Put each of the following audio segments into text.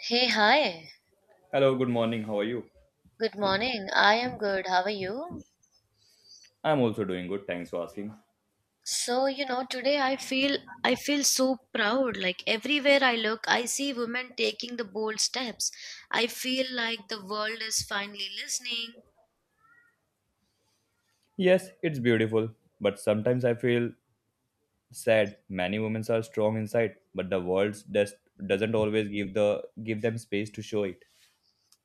Hey, hi. Hello, good morning. How are you? Good morning. I am good. How are you? I'm also doing good. Thanks for asking. Today I feel so proud. Like everywhere I look, I see women taking the bold steps. I feel like the world is finally listening. Yes, it's beautiful, but sometimes I feel sad. Many women are strong inside, but the world just doesn't always give them space to show it.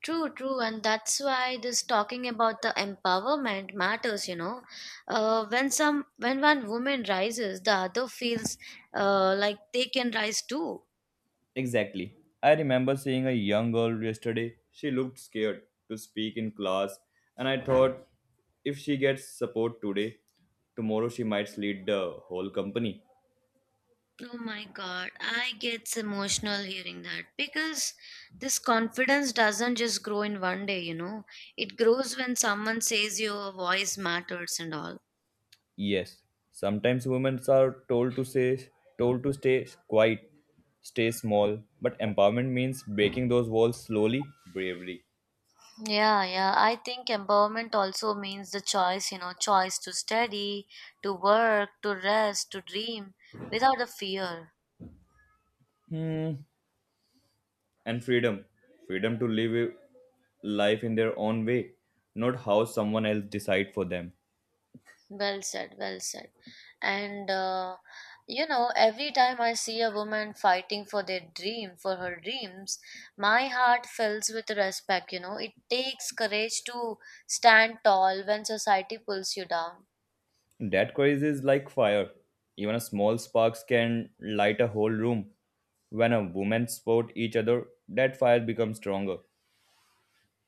True, and that's why this talking about the empowerment matters, when some when one woman rises, the other feels like they can rise too. Exactly. I remember seeing a young girl yesterday. She looked scared to speak in class, and I thought if she gets support today, tomorrow she might lead the whole company. Oh my God, I get emotional hearing that because this confidence doesn't just grow in one day, you know. It grows when someone says your voice matters and all. Yes, sometimes women are told to say told to stay quiet, stay small, but empowerment means breaking those walls slowly, bravely. Yeah. I think empowerment also means the choice, you know, choice to study, to work, to rest, to dream without a fear. Hmm. And freedom. Freedom to live a life in their own way, not how someone else decide for them. Well said. And you know, every time I see a woman fighting for their dream, for her dreams, my heart fills with respect. You know, it takes courage to stand tall when society pulls you down. That courage is like fire. Even a small sparks can light a whole room. When a woman support each other, that fire becomes stronger.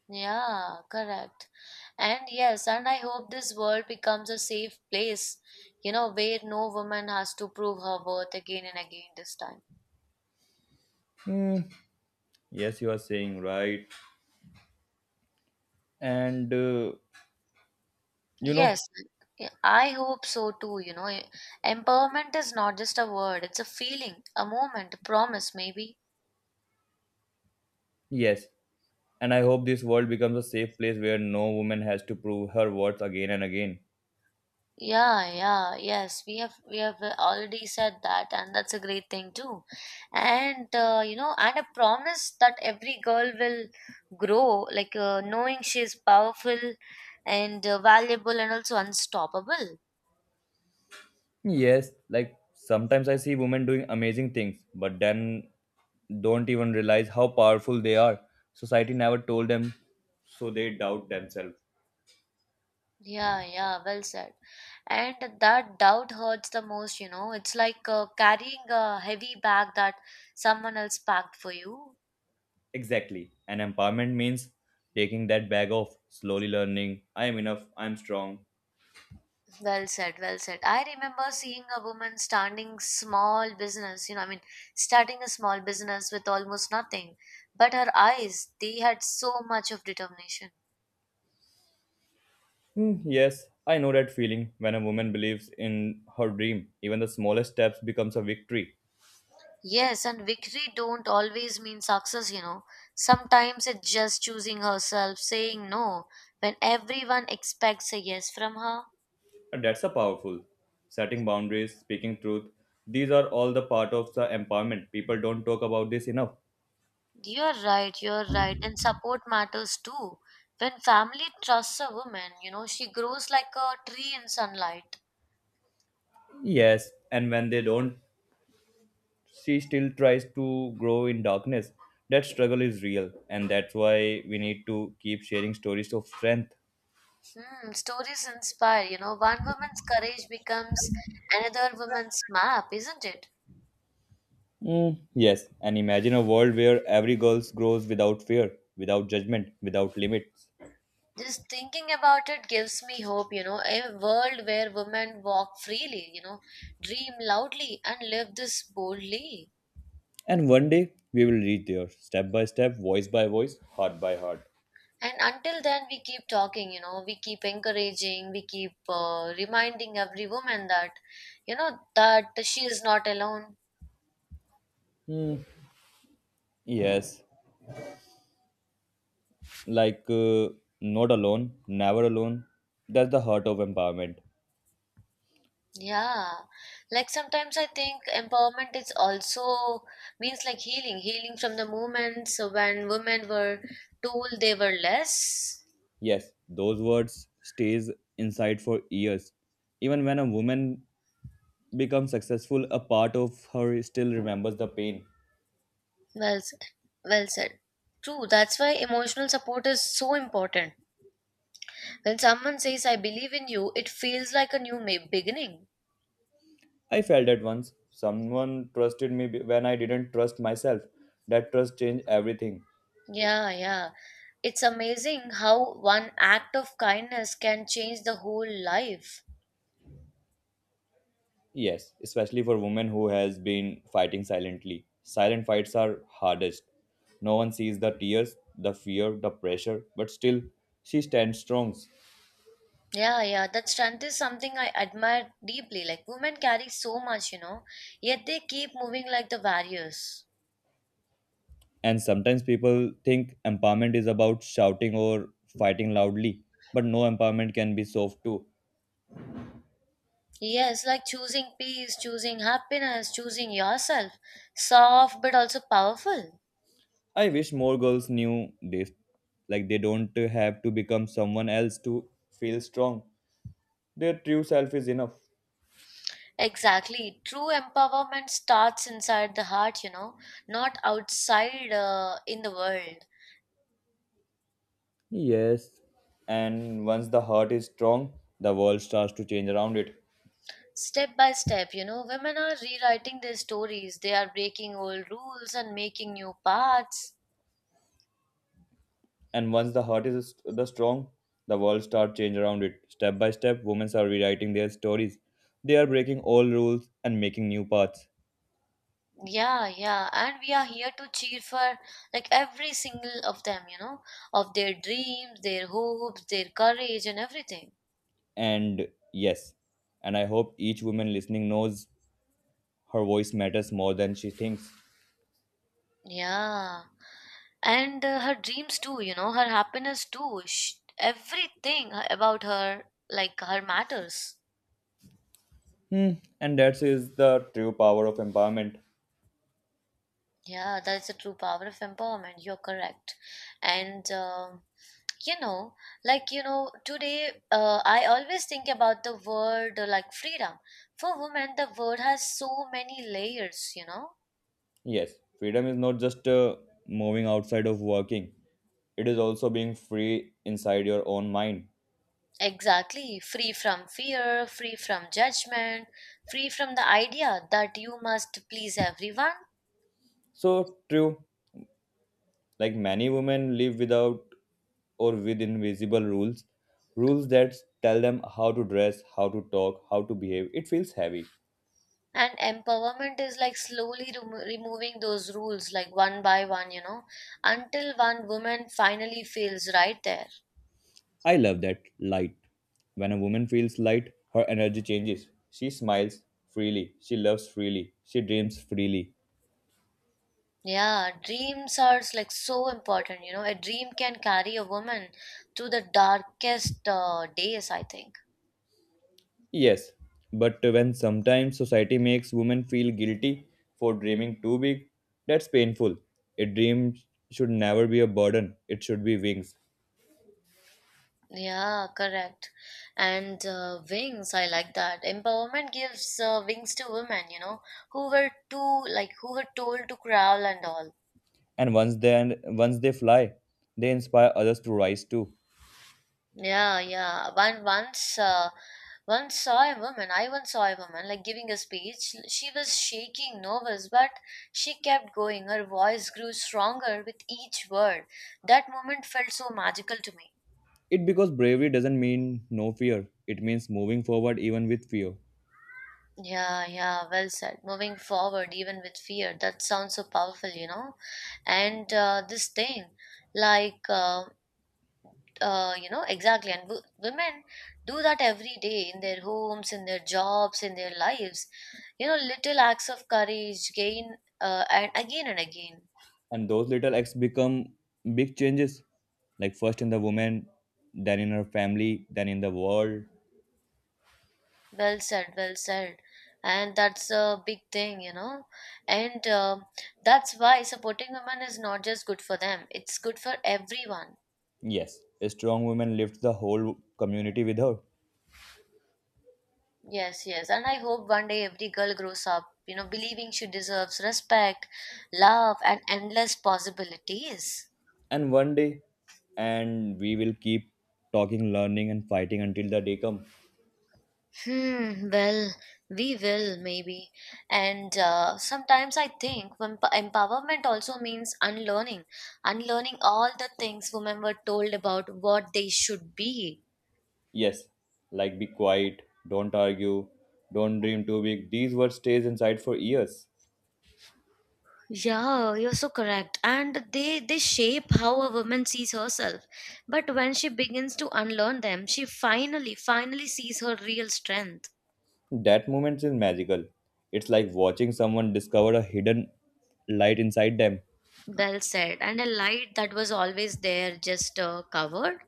Yeah, correct. And yes, and I hope this world becomes a safe place, you know, where no woman has to prove her worth again and again this time. Hmm. Yes, you are saying right. And uh, You Yes, know, yeah, I hope so too. You know, empowerment is not just a word, it's a feeling, a moment, a promise, maybe. yes. And I hope this world becomes a safe place where no woman has to prove her worth again and again. Yeah, yeah, yes, we have already said that, and that's a great thing too. And you know, and a promise that every girl will grow, like knowing she is powerful and valuable and also unstoppable. Yes, like sometimes I see women doing amazing things, but then don't even realize how powerful they are. Society never told them, so they doubt themselves. Yeah, yeah, well said. And that doubt hurts the most, you know. It's like carrying a heavy bag that someone else packed for you. Exactly. And empowerment means taking that bag off, slowly learning, I am enough, I am strong. Well said. I remember seeing a woman standing small business, you know, I mean, starting a small business with almost nothing. But her eyes, they had so much of determination. Yes, I know that feeling when a woman believes in her dream. Even the smallest steps becomes a victory. Yes, and victory don't always mean success, you know. Sometimes it's just choosing herself, saying no when everyone expects a yes from her. And that's a powerful. Setting boundaries, speaking truth, these are all the part of the empowerment. People don't talk about this enough. You're right. And support matters too. When family trusts a woman, you know, she grows like a tree in sunlight. Yes, and when they don't, she still tries to grow in darkness. That struggle is real, and that's why we need to keep sharing stories of strength. Hmm, stories inspire, you know, one woman's courage becomes another woman's map, isn't it? Mm, yes, and imagine a world where every girl grows without fear, without judgment, without limits. Just thinking about it gives me hope, you know, a world where women walk freely, you know, dream loudly and live this boldly. And one day we will reach there, step by step, voice by voice, heart by heart. And until then we keep talking, you know, we keep encouraging, we keep reminding every woman that, you know, that she is not alone. Yes, like uh, not alone, never alone. That's the heart of empowerment. Yeah, like sometimes I think empowerment is also means like healing from the moments when women were told they were less. Yes, those words stays inside for years. Even when a woman becomes successful, a part of her still remembers the pain. Well said well said true, that's why emotional support is so important. When someone says I believe in you, it feels like a beginning. I felt that once. Someone trusted me when I didn't trust myself. That trust changed everything. Yeah. It's amazing how one act of kindness can change the whole life. Yes, especially for women who has been fighting silently. Silent fights are hardest. No one sees the tears, the fear, the pressure, but still she stands strong. Yeah. That strength is something I admire deeply. Like, women carry so much, you know, yet they keep moving like the warriors. And sometimes people think empowerment is about shouting or fighting loudly, but no, empowerment can be soft too. Yes, like choosing peace, choosing happiness, choosing yourself. Soft but also powerful. I wish more girls knew this. Like they don't have to become someone else to feel strong. Their true self is enough. Exactly. True empowerment starts inside the heart, you know, not outside in the world. Yes, and once the heart is strong the world starts to change around it. Step by step, you know, women are rewriting their stories, they are breaking old rules and making new paths. And once the heart is st- the strong, the world starts change around it, step by step. Women are rewriting their stories, they are breaking old rules and making new paths. Yeah, and we are here to cheer for like every single of them, you know, of their dreams, their hopes, their courage and everything. And yes, and I hope each woman listening knows her voice matters more than she thinks. Yeah, and her dreams too, you know, her happiness too. Sh everything about her, like her matters. Hmm. And that is the true power of empowerment. Yeah, that's the true power of empowerment, you're correct. And you know, like you know today I always think about the word like freedom. For women the word has so many layers, you know. Yes, freedom is not just moving outside of working, it is also being free inside your own mind. Exactly, free from fear, free from judgment, free from the idea that you must please everyone. So true, like many women live without or with invisible rules, rules that tell them how to dress, how to talk, how to behave. It feels heavy. And empowerment is like slowly removing those rules like one by one, you know, until one woman finally feels right there. I love that light. When a woman feels light, her energy changes. She smiles freely, she loves freely, she dreams freely. Yeah, dreams are like so important. You know, a dream can carry a woman to the darkest days, I think. Yes, but when sometimes society makes women feel guilty for dreaming too big, that's painful. A dream should never be a burden, it should be wings. Yeah, correct. And wings, I like that. Empowerment gives wings to women, you know, who were too, like, who were told to crawl and all. And once they fly, they inspire others to rise too. Yeah. One once, once saw a woman. I once saw a woman like giving a speech. She was shaking, nervous, but she kept going. Her voice grew stronger with each word. That moment felt so magical to me. It because bravery doesn't mean no fear, it means moving forward even with fear. Yeah. Well said. Moving forward, even with fear. That sounds so powerful, you know. And this thing, like. You know exactly, and women do that every day in their homes, in their jobs, in their lives, you know, little acts of courage gain and again and again. And those little acts become big changes, like first in the woman, then in her family, then in the world. Well said. And that's a big thing, you know. And that's why supporting women is not just good for them, it's good for everyone. Yes, a strong woman lifts the whole community with her. Yes yes, and I hope one day every girl grows up, you know, believing she deserves respect, love and endless possibilities. And one day, and we will keep talking, learning and fighting until the day comes. Hmm, well, we will maybe. And sometimes I think empowerment also means unlearning, unlearning all the things women were told about what they should be. Yes, like be quiet, don't argue, don't dream too big. These words stays inside for years. Yeah, you're so correct. And they shape how a woman sees herself. But when she begins to unlearn them, she finally sees her real strength. That moment is magical, it's like watching someone discover a hidden light inside them. Well said. And a light that was always there, just covered.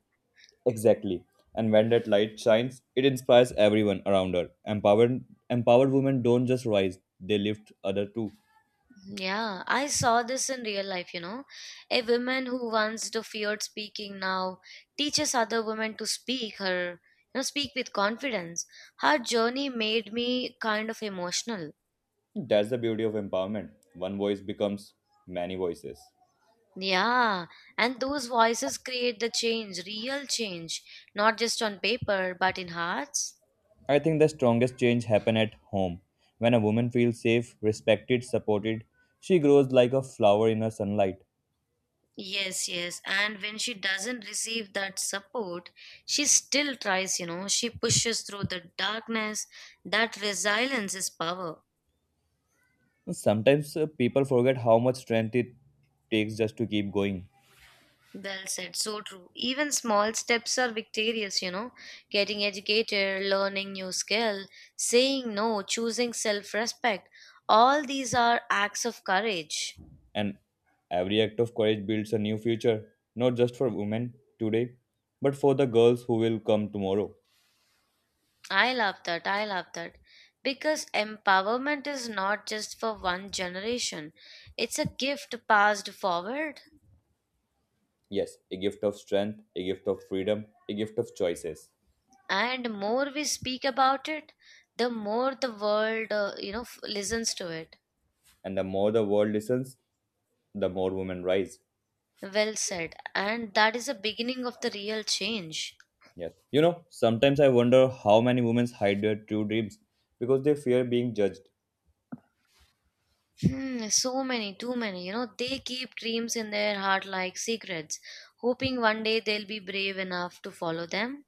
Exactly. And when that light shines it inspires everyone around her. Empowered empowered women don't just rise, they lift other too. Yeah, I saw this in real life, you know. A woman who once to feared speaking now teaches other women to speak her, you know, speak with confidence. Her journey made me kind of emotional. That's the beauty of empowerment, one voice becomes many voices. Yeah, and those voices create the change, real change, not just on paper, but in hearts. I think the strongest change happen at home. When a woman feels safe, respected, supported, she grows like a flower in the sunlight. Yes. And when she doesn't receive that support, she still tries, you know, she pushes through the darkness. That resilience is power. Sometimes people forget how much strength it takes just to keep going. Well said, so true. Even small steps are victorious, you know. Getting educated, learning new skill, saying no, choosing self respect. All these are acts of courage. And every act of courage builds a new future, not just for women today, but for the girls who will come tomorrow. I love that. Because empowerment is not just for one generation, it's a gift passed forward. Yes, a gift of strength, a gift of freedom, a gift of choices. And more we speak about it, the more the world, you know, listens to it. And the more the world listens, the more women rise. Well said. And that is the beginning of the real change. Yes. You know, sometimes I wonder how many women hide their true dreams because they fear being judged. Hmm, so many, too many. You know, they keep dreams in their heart like secrets, hoping one day they'll be brave enough to follow them.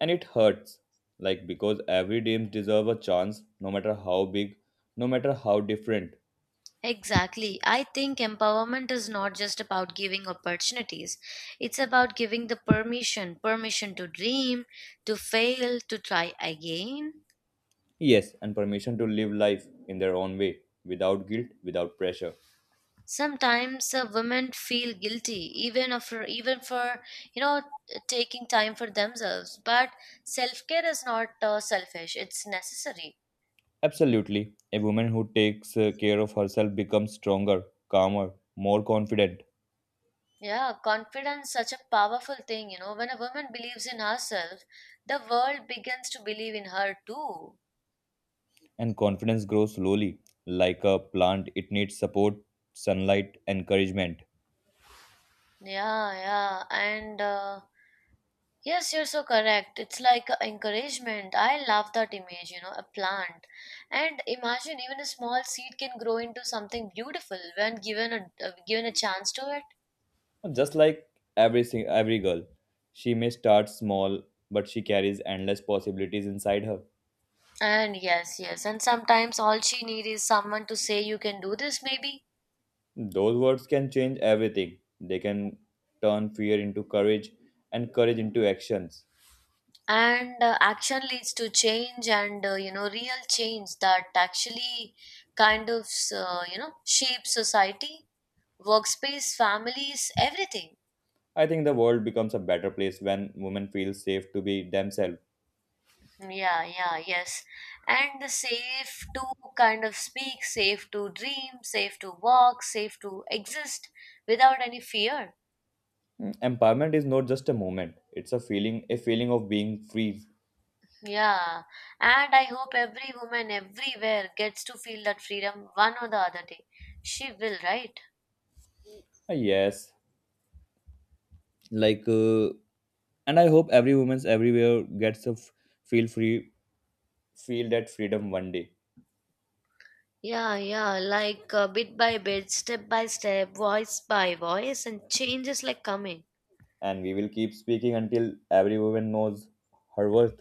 And it hurts. Like because every dream deserves a chance, no matter how big, no matter how different. Exactly. I think empowerment is not just about giving opportunities. It's about giving the permission, permission to dream, to fail, to try again. Yes, and permission to live life in their own way, without guilt, without pressure. Sometimes women feel guilty even for you know taking time for themselves, but self-care is not selfish. It's necessary. Absolutely. A woman who takes care of herself becomes stronger, calmer, more confident. Yeah, confidence such a powerful thing, you know. When a woman believes in herself, the world begins to believe in her too. And confidence grows slowly. Like a plant, it needs support, sunlight, encouragement. Yeah. And yes, you're so correct. It's like a encouragement. I love that image, you know, a plant. And imagine even a small seed can grow into something beautiful when given a chance to it. Just like every girl, she may start small, but she carries endless possibilities inside her. And yes. And sometimes all she need is someone to say you can do this maybe. Those words can change everything. They can turn fear into courage and courage into actions. And action leads to change, and you know real change that actually kind of you know shapes society, workspace, families, everything. I think the world becomes a better place when women feel safe to be themselves. Yeah, yeah, yes. And the safe to kind of speak, safe to dream, safe to walk, safe to exist without any fear. Mm, empowerment is not just a moment; it's a feeling of being free. Yeah, and I hope every woman everywhere gets to feel that freedom one or the other day. She will, right? Ah, yes, like, uh, and I hope every woman's everywhere gets to feel free, feel that freedom one day. Yeah, like bit by bit, step by step, voice by voice, and changes like coming. And we will keep speaking until every woman knows her worth.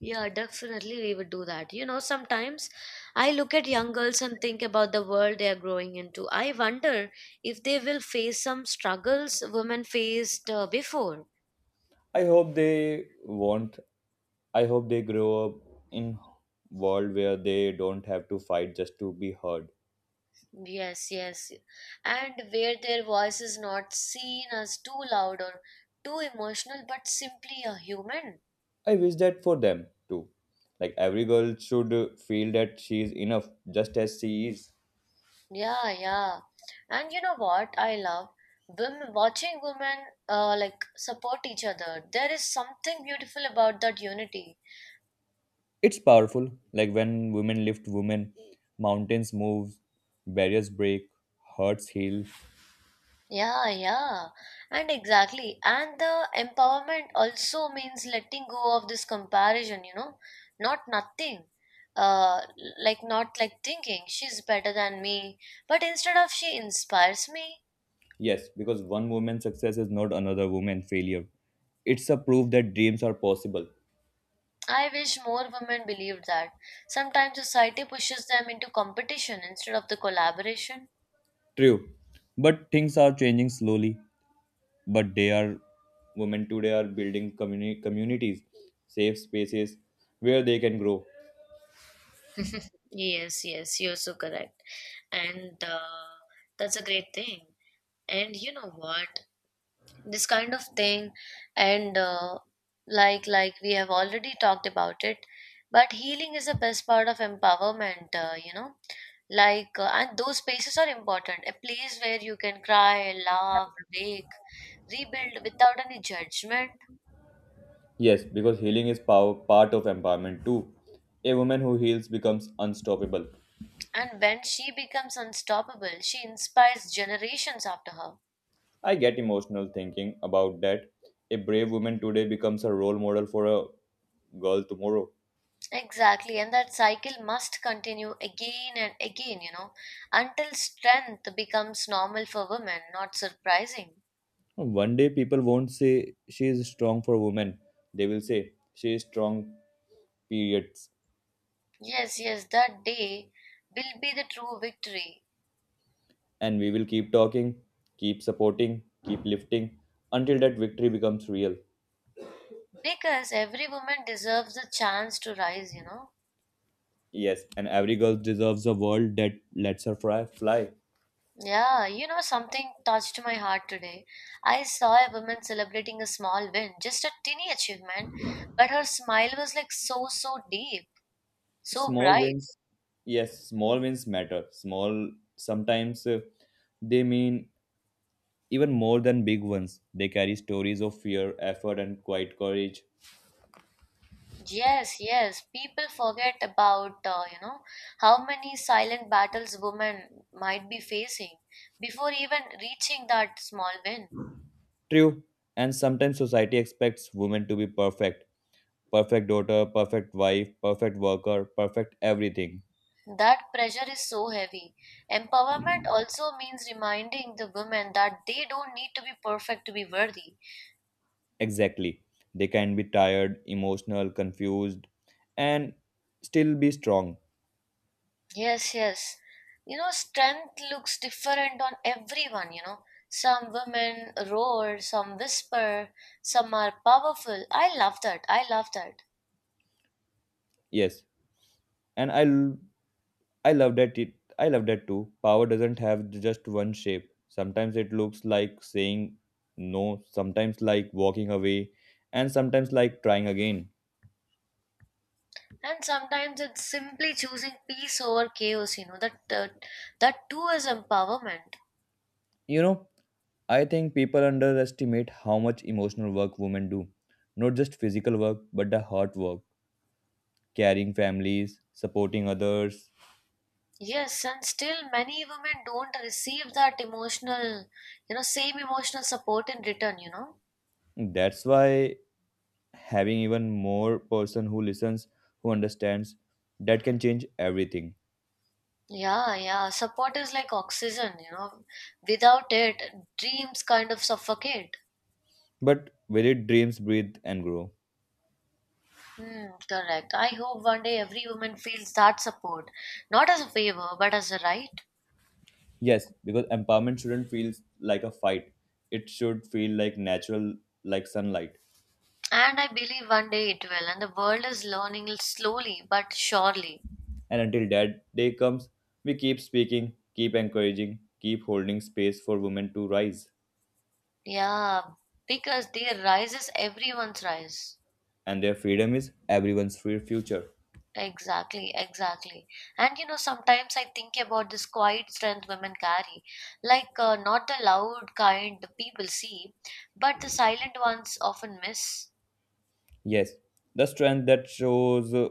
Yeah, definitely we would do that. You know, sometimes I look at young girls and think about the world they are growing into. I wonder if they will face some struggles women faced before. I hope they won't. I hope they grow up in world where they don't have to fight just to be heard. Yes. And where their voice is not seen as too loud or too emotional, but simply a human. I wish that for them too. Like every girl should feel that she is enough just as she is. Yeah. And you know what I love? Women, watching women like support each other. There is something beautiful about that unity. It's powerful. Like when women lift women, mountains move, barriers break, hearts heal. Yeah. And exactly. And the empowerment also means letting go of this comparison, you know? Not nothing. Uh, like not like thinking she's better than me, but instead of she inspires me. Yes, because one woman's success is not another woman's failure. It's a proof that dreams are possible. I wish more women believed that. Sometimes society pushes them into competition instead of the collaboration. True. But things are changing slowly. But they are, women today are building communities, safe spaces where they can grow. Yes, you're so correct. And that's a great thing. And you know what? This kind of thing, and like we have already talked about it, but healing is the best part of empowerment, you know. Like, and those spaces are important. A place where you can cry, laugh, wake, rebuild without any judgment. Yes, because healing is power, part of empowerment too. A woman who heals becomes unstoppable. And when she becomes unstoppable, she inspires generations after her. I get emotional thinking about that. A brave woman today becomes a role model for a girl tomorrow. Exactly, and that cycle must continue again and again, you know, until strength becomes normal for women, not surprising. One day people won't say she is strong for women. They will say she is strong periods. Yes, yes, that day will be the true victory And we will keep talking, keep supporting, keep lifting until that victory becomes real. because every woman deserves the chance to rise, you know. Yes, and every girl deserves a world that lets her fly. Yeah, you know, something touched my heart today. I saw a woman celebrating a small win, just a tiny achievement, but her smile was like so deep. So Small bright. wins, yes, small wins matter. Small sometimes they mean even more than big ones. They carry stories of fear, effort, and quiet courage. Yes, yes. People forget about, you know, how many silent battles women might be facing before even reaching that small win. True, and sometimes society expects women to be perfect. Perfect daughter, perfect wife, perfect worker, perfect everything. That pressure is so heavy. Empowerment also means reminding the women that they don't need to be perfect to be worthy. Exactly. They can be tired, emotional, confused, and still be strong. Yes, yes. You know, strength looks different on everyone, you know. Some women roar, some whisper, some are powerful. I love that. I love that. Yes. And I l- I love that it I love that too. Power doesn't have just one shape. Sometimes it looks like saying no, sometimes like walking away, and sometimes like trying again. And sometimes it's simply choosing peace over chaos, you know, that too is empowerment. You know, I think people underestimate how much emotional work women do. Not just physical work, but the heart work, carrying families, supporting others. Yes, and still many women don't receive that emotional, you know, same emotional support in return, you know. That's why having even more person who listens, who understands, that can change everything. Yeah, yeah, support is like oxygen, you know, without it dreams kind of suffocate. But will it dreams breathe and grow? Hmm, correct. I hope one day every woman feels that support, not as a favor, but as a right. Yes, because empowerment shouldn't feel like a fight. It should feel like natural, like sunlight. And I believe one day it will, and the world is learning slowly but surely. And until that day comes, we keep speaking, keep encouraging, keep holding space for women to rise. Yeah, because their rise is everyone's rise. And their freedom is everyone's free future. Exactly, exactly. And you know, sometimes I think about this quiet strength women carry, like not the loud kind the people see, but the silent ones often miss. Yes, the strength that shows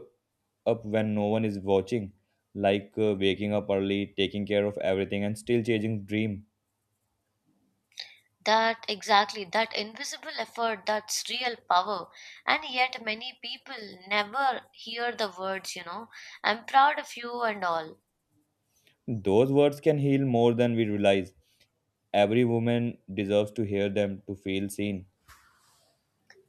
up when no one is watching, like waking up early, taking care of everything, and still chasing dream. That exactly, that invisible effort, that's real power. And yet, many people never hear the words, you know, I'm proud of you and all. Those words can heal more than we realize. Every woman deserves to hear them to feel seen.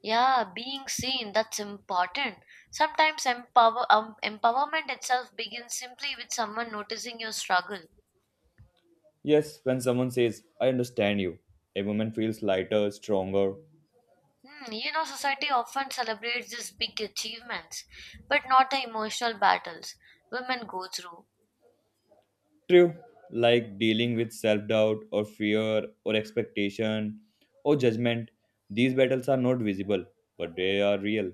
Yeah, being seen, that's important. Sometimes empowerment itself begins simply with someone noticing your struggle. Yes, when someone says, I understand you, a woman feels lighter, stronger. Hmm, you know, society often celebrates these big achievements, but not the emotional battles women go through. True, like dealing with self doubt or fear or expectation or judgment, these battles are not visible, but they are real.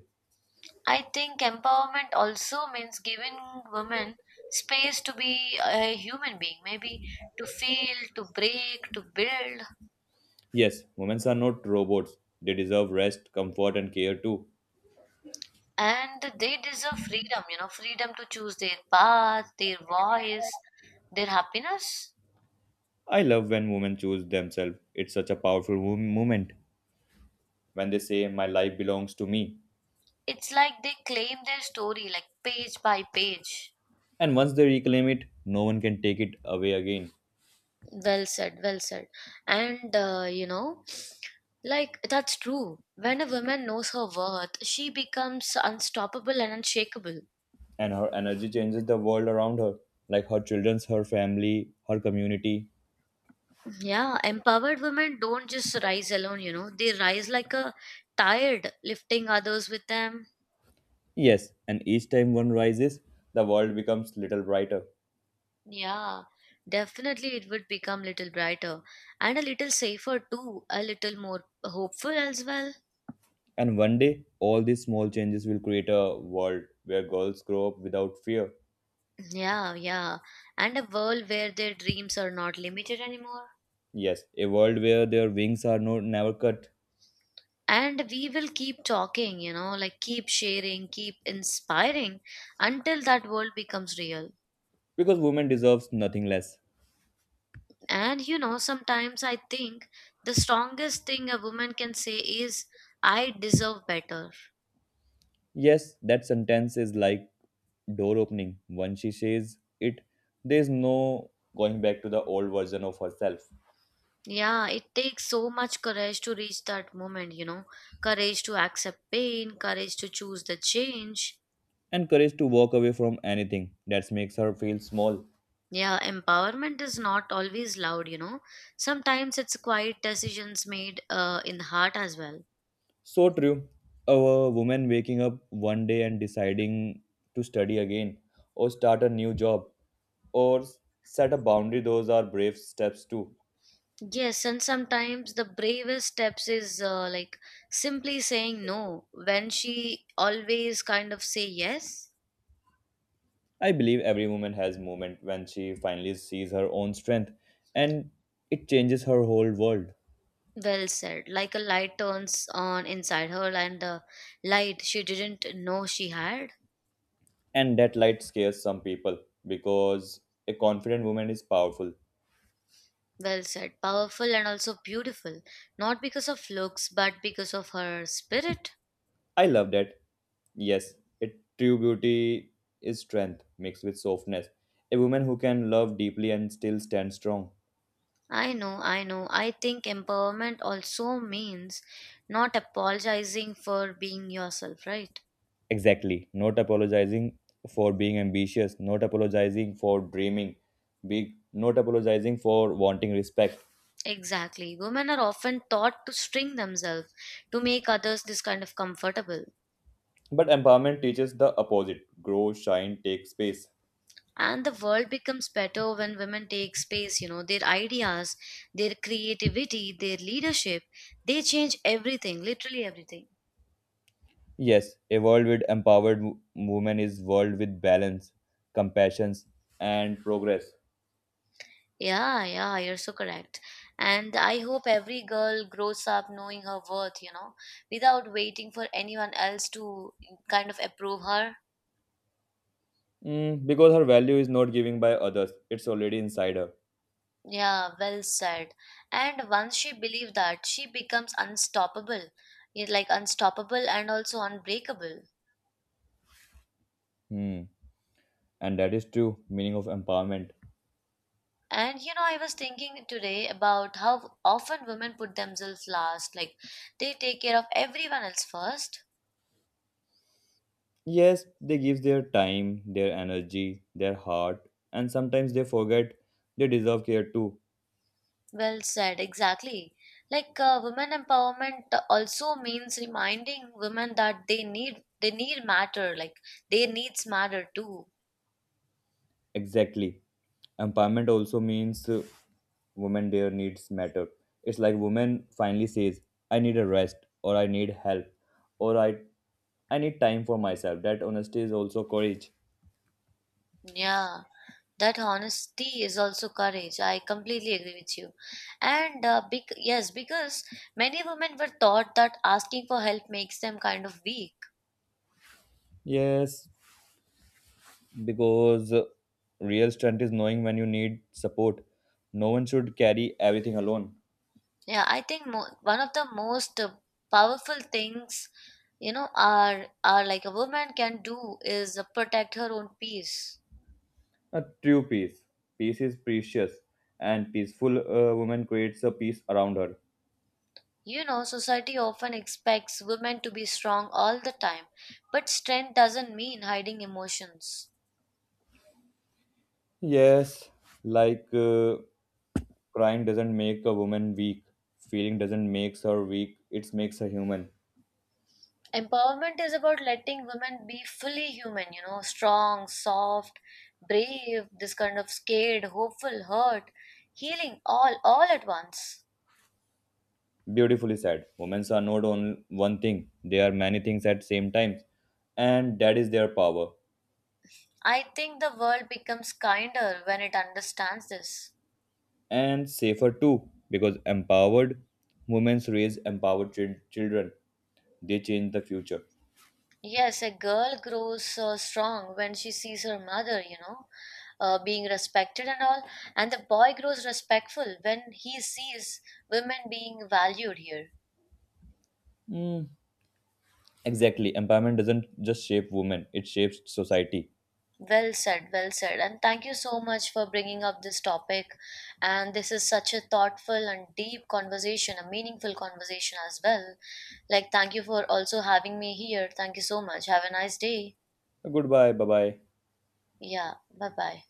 I think empowerment also means giving women space to be a human being, maybe to feel, to break, to build, Yes, women are not robots. They deserve rest, comfort, and care too. and they deserve freedom, you know, freedom to choose their path, their voice, their happiness. I love when women choose themselves. It's such a powerful moment when they say, my life belongs to me. It's like they claim their story like page by page. And once they reclaim it, no one can take it away again. Well said, well said. And you know, like that's true. When a woman knows her worth, she becomes unstoppable and unshakable. And her energy changes the world around her, like her children's, her family, her community. Yeah, empowered women don't just rise alone, you know, they rise like a tide, lifting others with them. Yes, and each time one rises, the world becomes little brighter. Yeah, definitely it would become little brighter and a little safer too, a little more hopeful as well. And one day, all these small changes will create a world where girls grow up without fear. Yeah, yeah. And a world where their dreams are not limited anymore. Yes, a world where their wings are no, never cut, And we will keep talking, you know, like keep sharing, keep inspiring until that world becomes real. because women deserves nothing less. And you know, sometimes I think the strongest thing a woman can say is, I deserve better. Yes, that sentence is like door opening. Once she says it, there's no going back to the old version of herself. Yeah, it takes so much courage to reach that moment, you know. Courage to accept pain, courage to choose the change. And courage to walk away from anything that makes her feel small. Yeah, empowerment is not always loud, you know. Sometimes it's quiet decisions made in the heart as well. So true. A woman waking up one day and deciding to study again or start a new job or set a boundary, those are brave steps too. Yes, and sometimes the bravest steps is like simply saying no when she always kind of say yes. I believe every woman has moment when she finally sees her own strength, and it changes her whole world. Well said. Like a light turns on inside her and the light she didn't know she had. And that light scares some people because a confident woman is powerful. Well said. Powerful and also beautiful. Not because of looks, but because of her spirit. I love that. Yes, it true beauty is strength mixed with softness. A woman who can love deeply and still stand strong. I know, I know. I think empowerment also means not apologizing for being yourself, right? Exactly. Not apologizing for being ambitious, not apologizing for dreaming big, not apologizing for wanting respect. Exactly. Women are often taught to string themselves to make others this kind of comfortable. But empowerment teaches the opposite, grow, shine, take space. And the world becomes better when women take space, you know, their ideas, their creativity, their leadership. They change everything, literally everything. Yes, a world with empowered women is world with balance, compassion, and progress. Yeah, yeah, you're so correct. And I hope every girl grows up knowing her worth, you know, without waiting for anyone else to kind of approve her. Mm, because her value is not giving by others, it's already inside her. Yeah, well said. And once she believes that, she becomes unstoppable. Yeah, like unstoppable and also unbreakable. Hmm. And that is true meaning of empowerment. And you know, I was thinking today about how often women put themselves last, like they take care of everyone else first. Yes, they give their time, their energy, their heart, and sometimes they forget they deserve care too. Well said, exactly. Like women empowerment also means reminding women that they need matter, like their needs matter too. Exactly. Empowerment also means women their needs matter. It's like women finally says, I need a rest or I need help or I need time for myself. That honesty is also courage. Yeah, that honesty is also courage. I completely agree with you. And yes, because many women were taught that asking for help makes them kind of weak. Yes, because real strength is knowing when you need support. No one should carry everything alone. Yeah, I think one of the most powerful things, you know, are like a woman can do is protect her own peace. A true peace. Peace is precious, and peaceful woman creates a peace around her. You know, society often expects women to be strong all the time, but strength doesn't mean hiding emotions. Yes, like uh, crying doesn't make a woman weak. Feeling doesn't make her weak. It makes her human. Empowerment is about letting women be fully human, you know, strong, soft, brave, this kind of scared, hopeful, hurt, healing all at once. Beautifully said. Women are not only one thing. They are many things at same time. And that is their power. I think the world becomes kinder when it understands this. And safer too. Because empowered women raise empowered children. They change the future. Yes, a girl grows strong when she sees her mother, you know, being respected and all. And the boy grows respectful when he sees women being valued here. Mm, exactly. Empowerment doesn't just shape women. It shapes society. Well said, well said. And thank you so much for bringing up this topic. And this is such a thoughtful and deep conversation, a meaningful conversation as well. Like, thank you for also having me here. Thank you so much. Have a nice day. Goodbye. Bye-bye. Yeah, bye bye.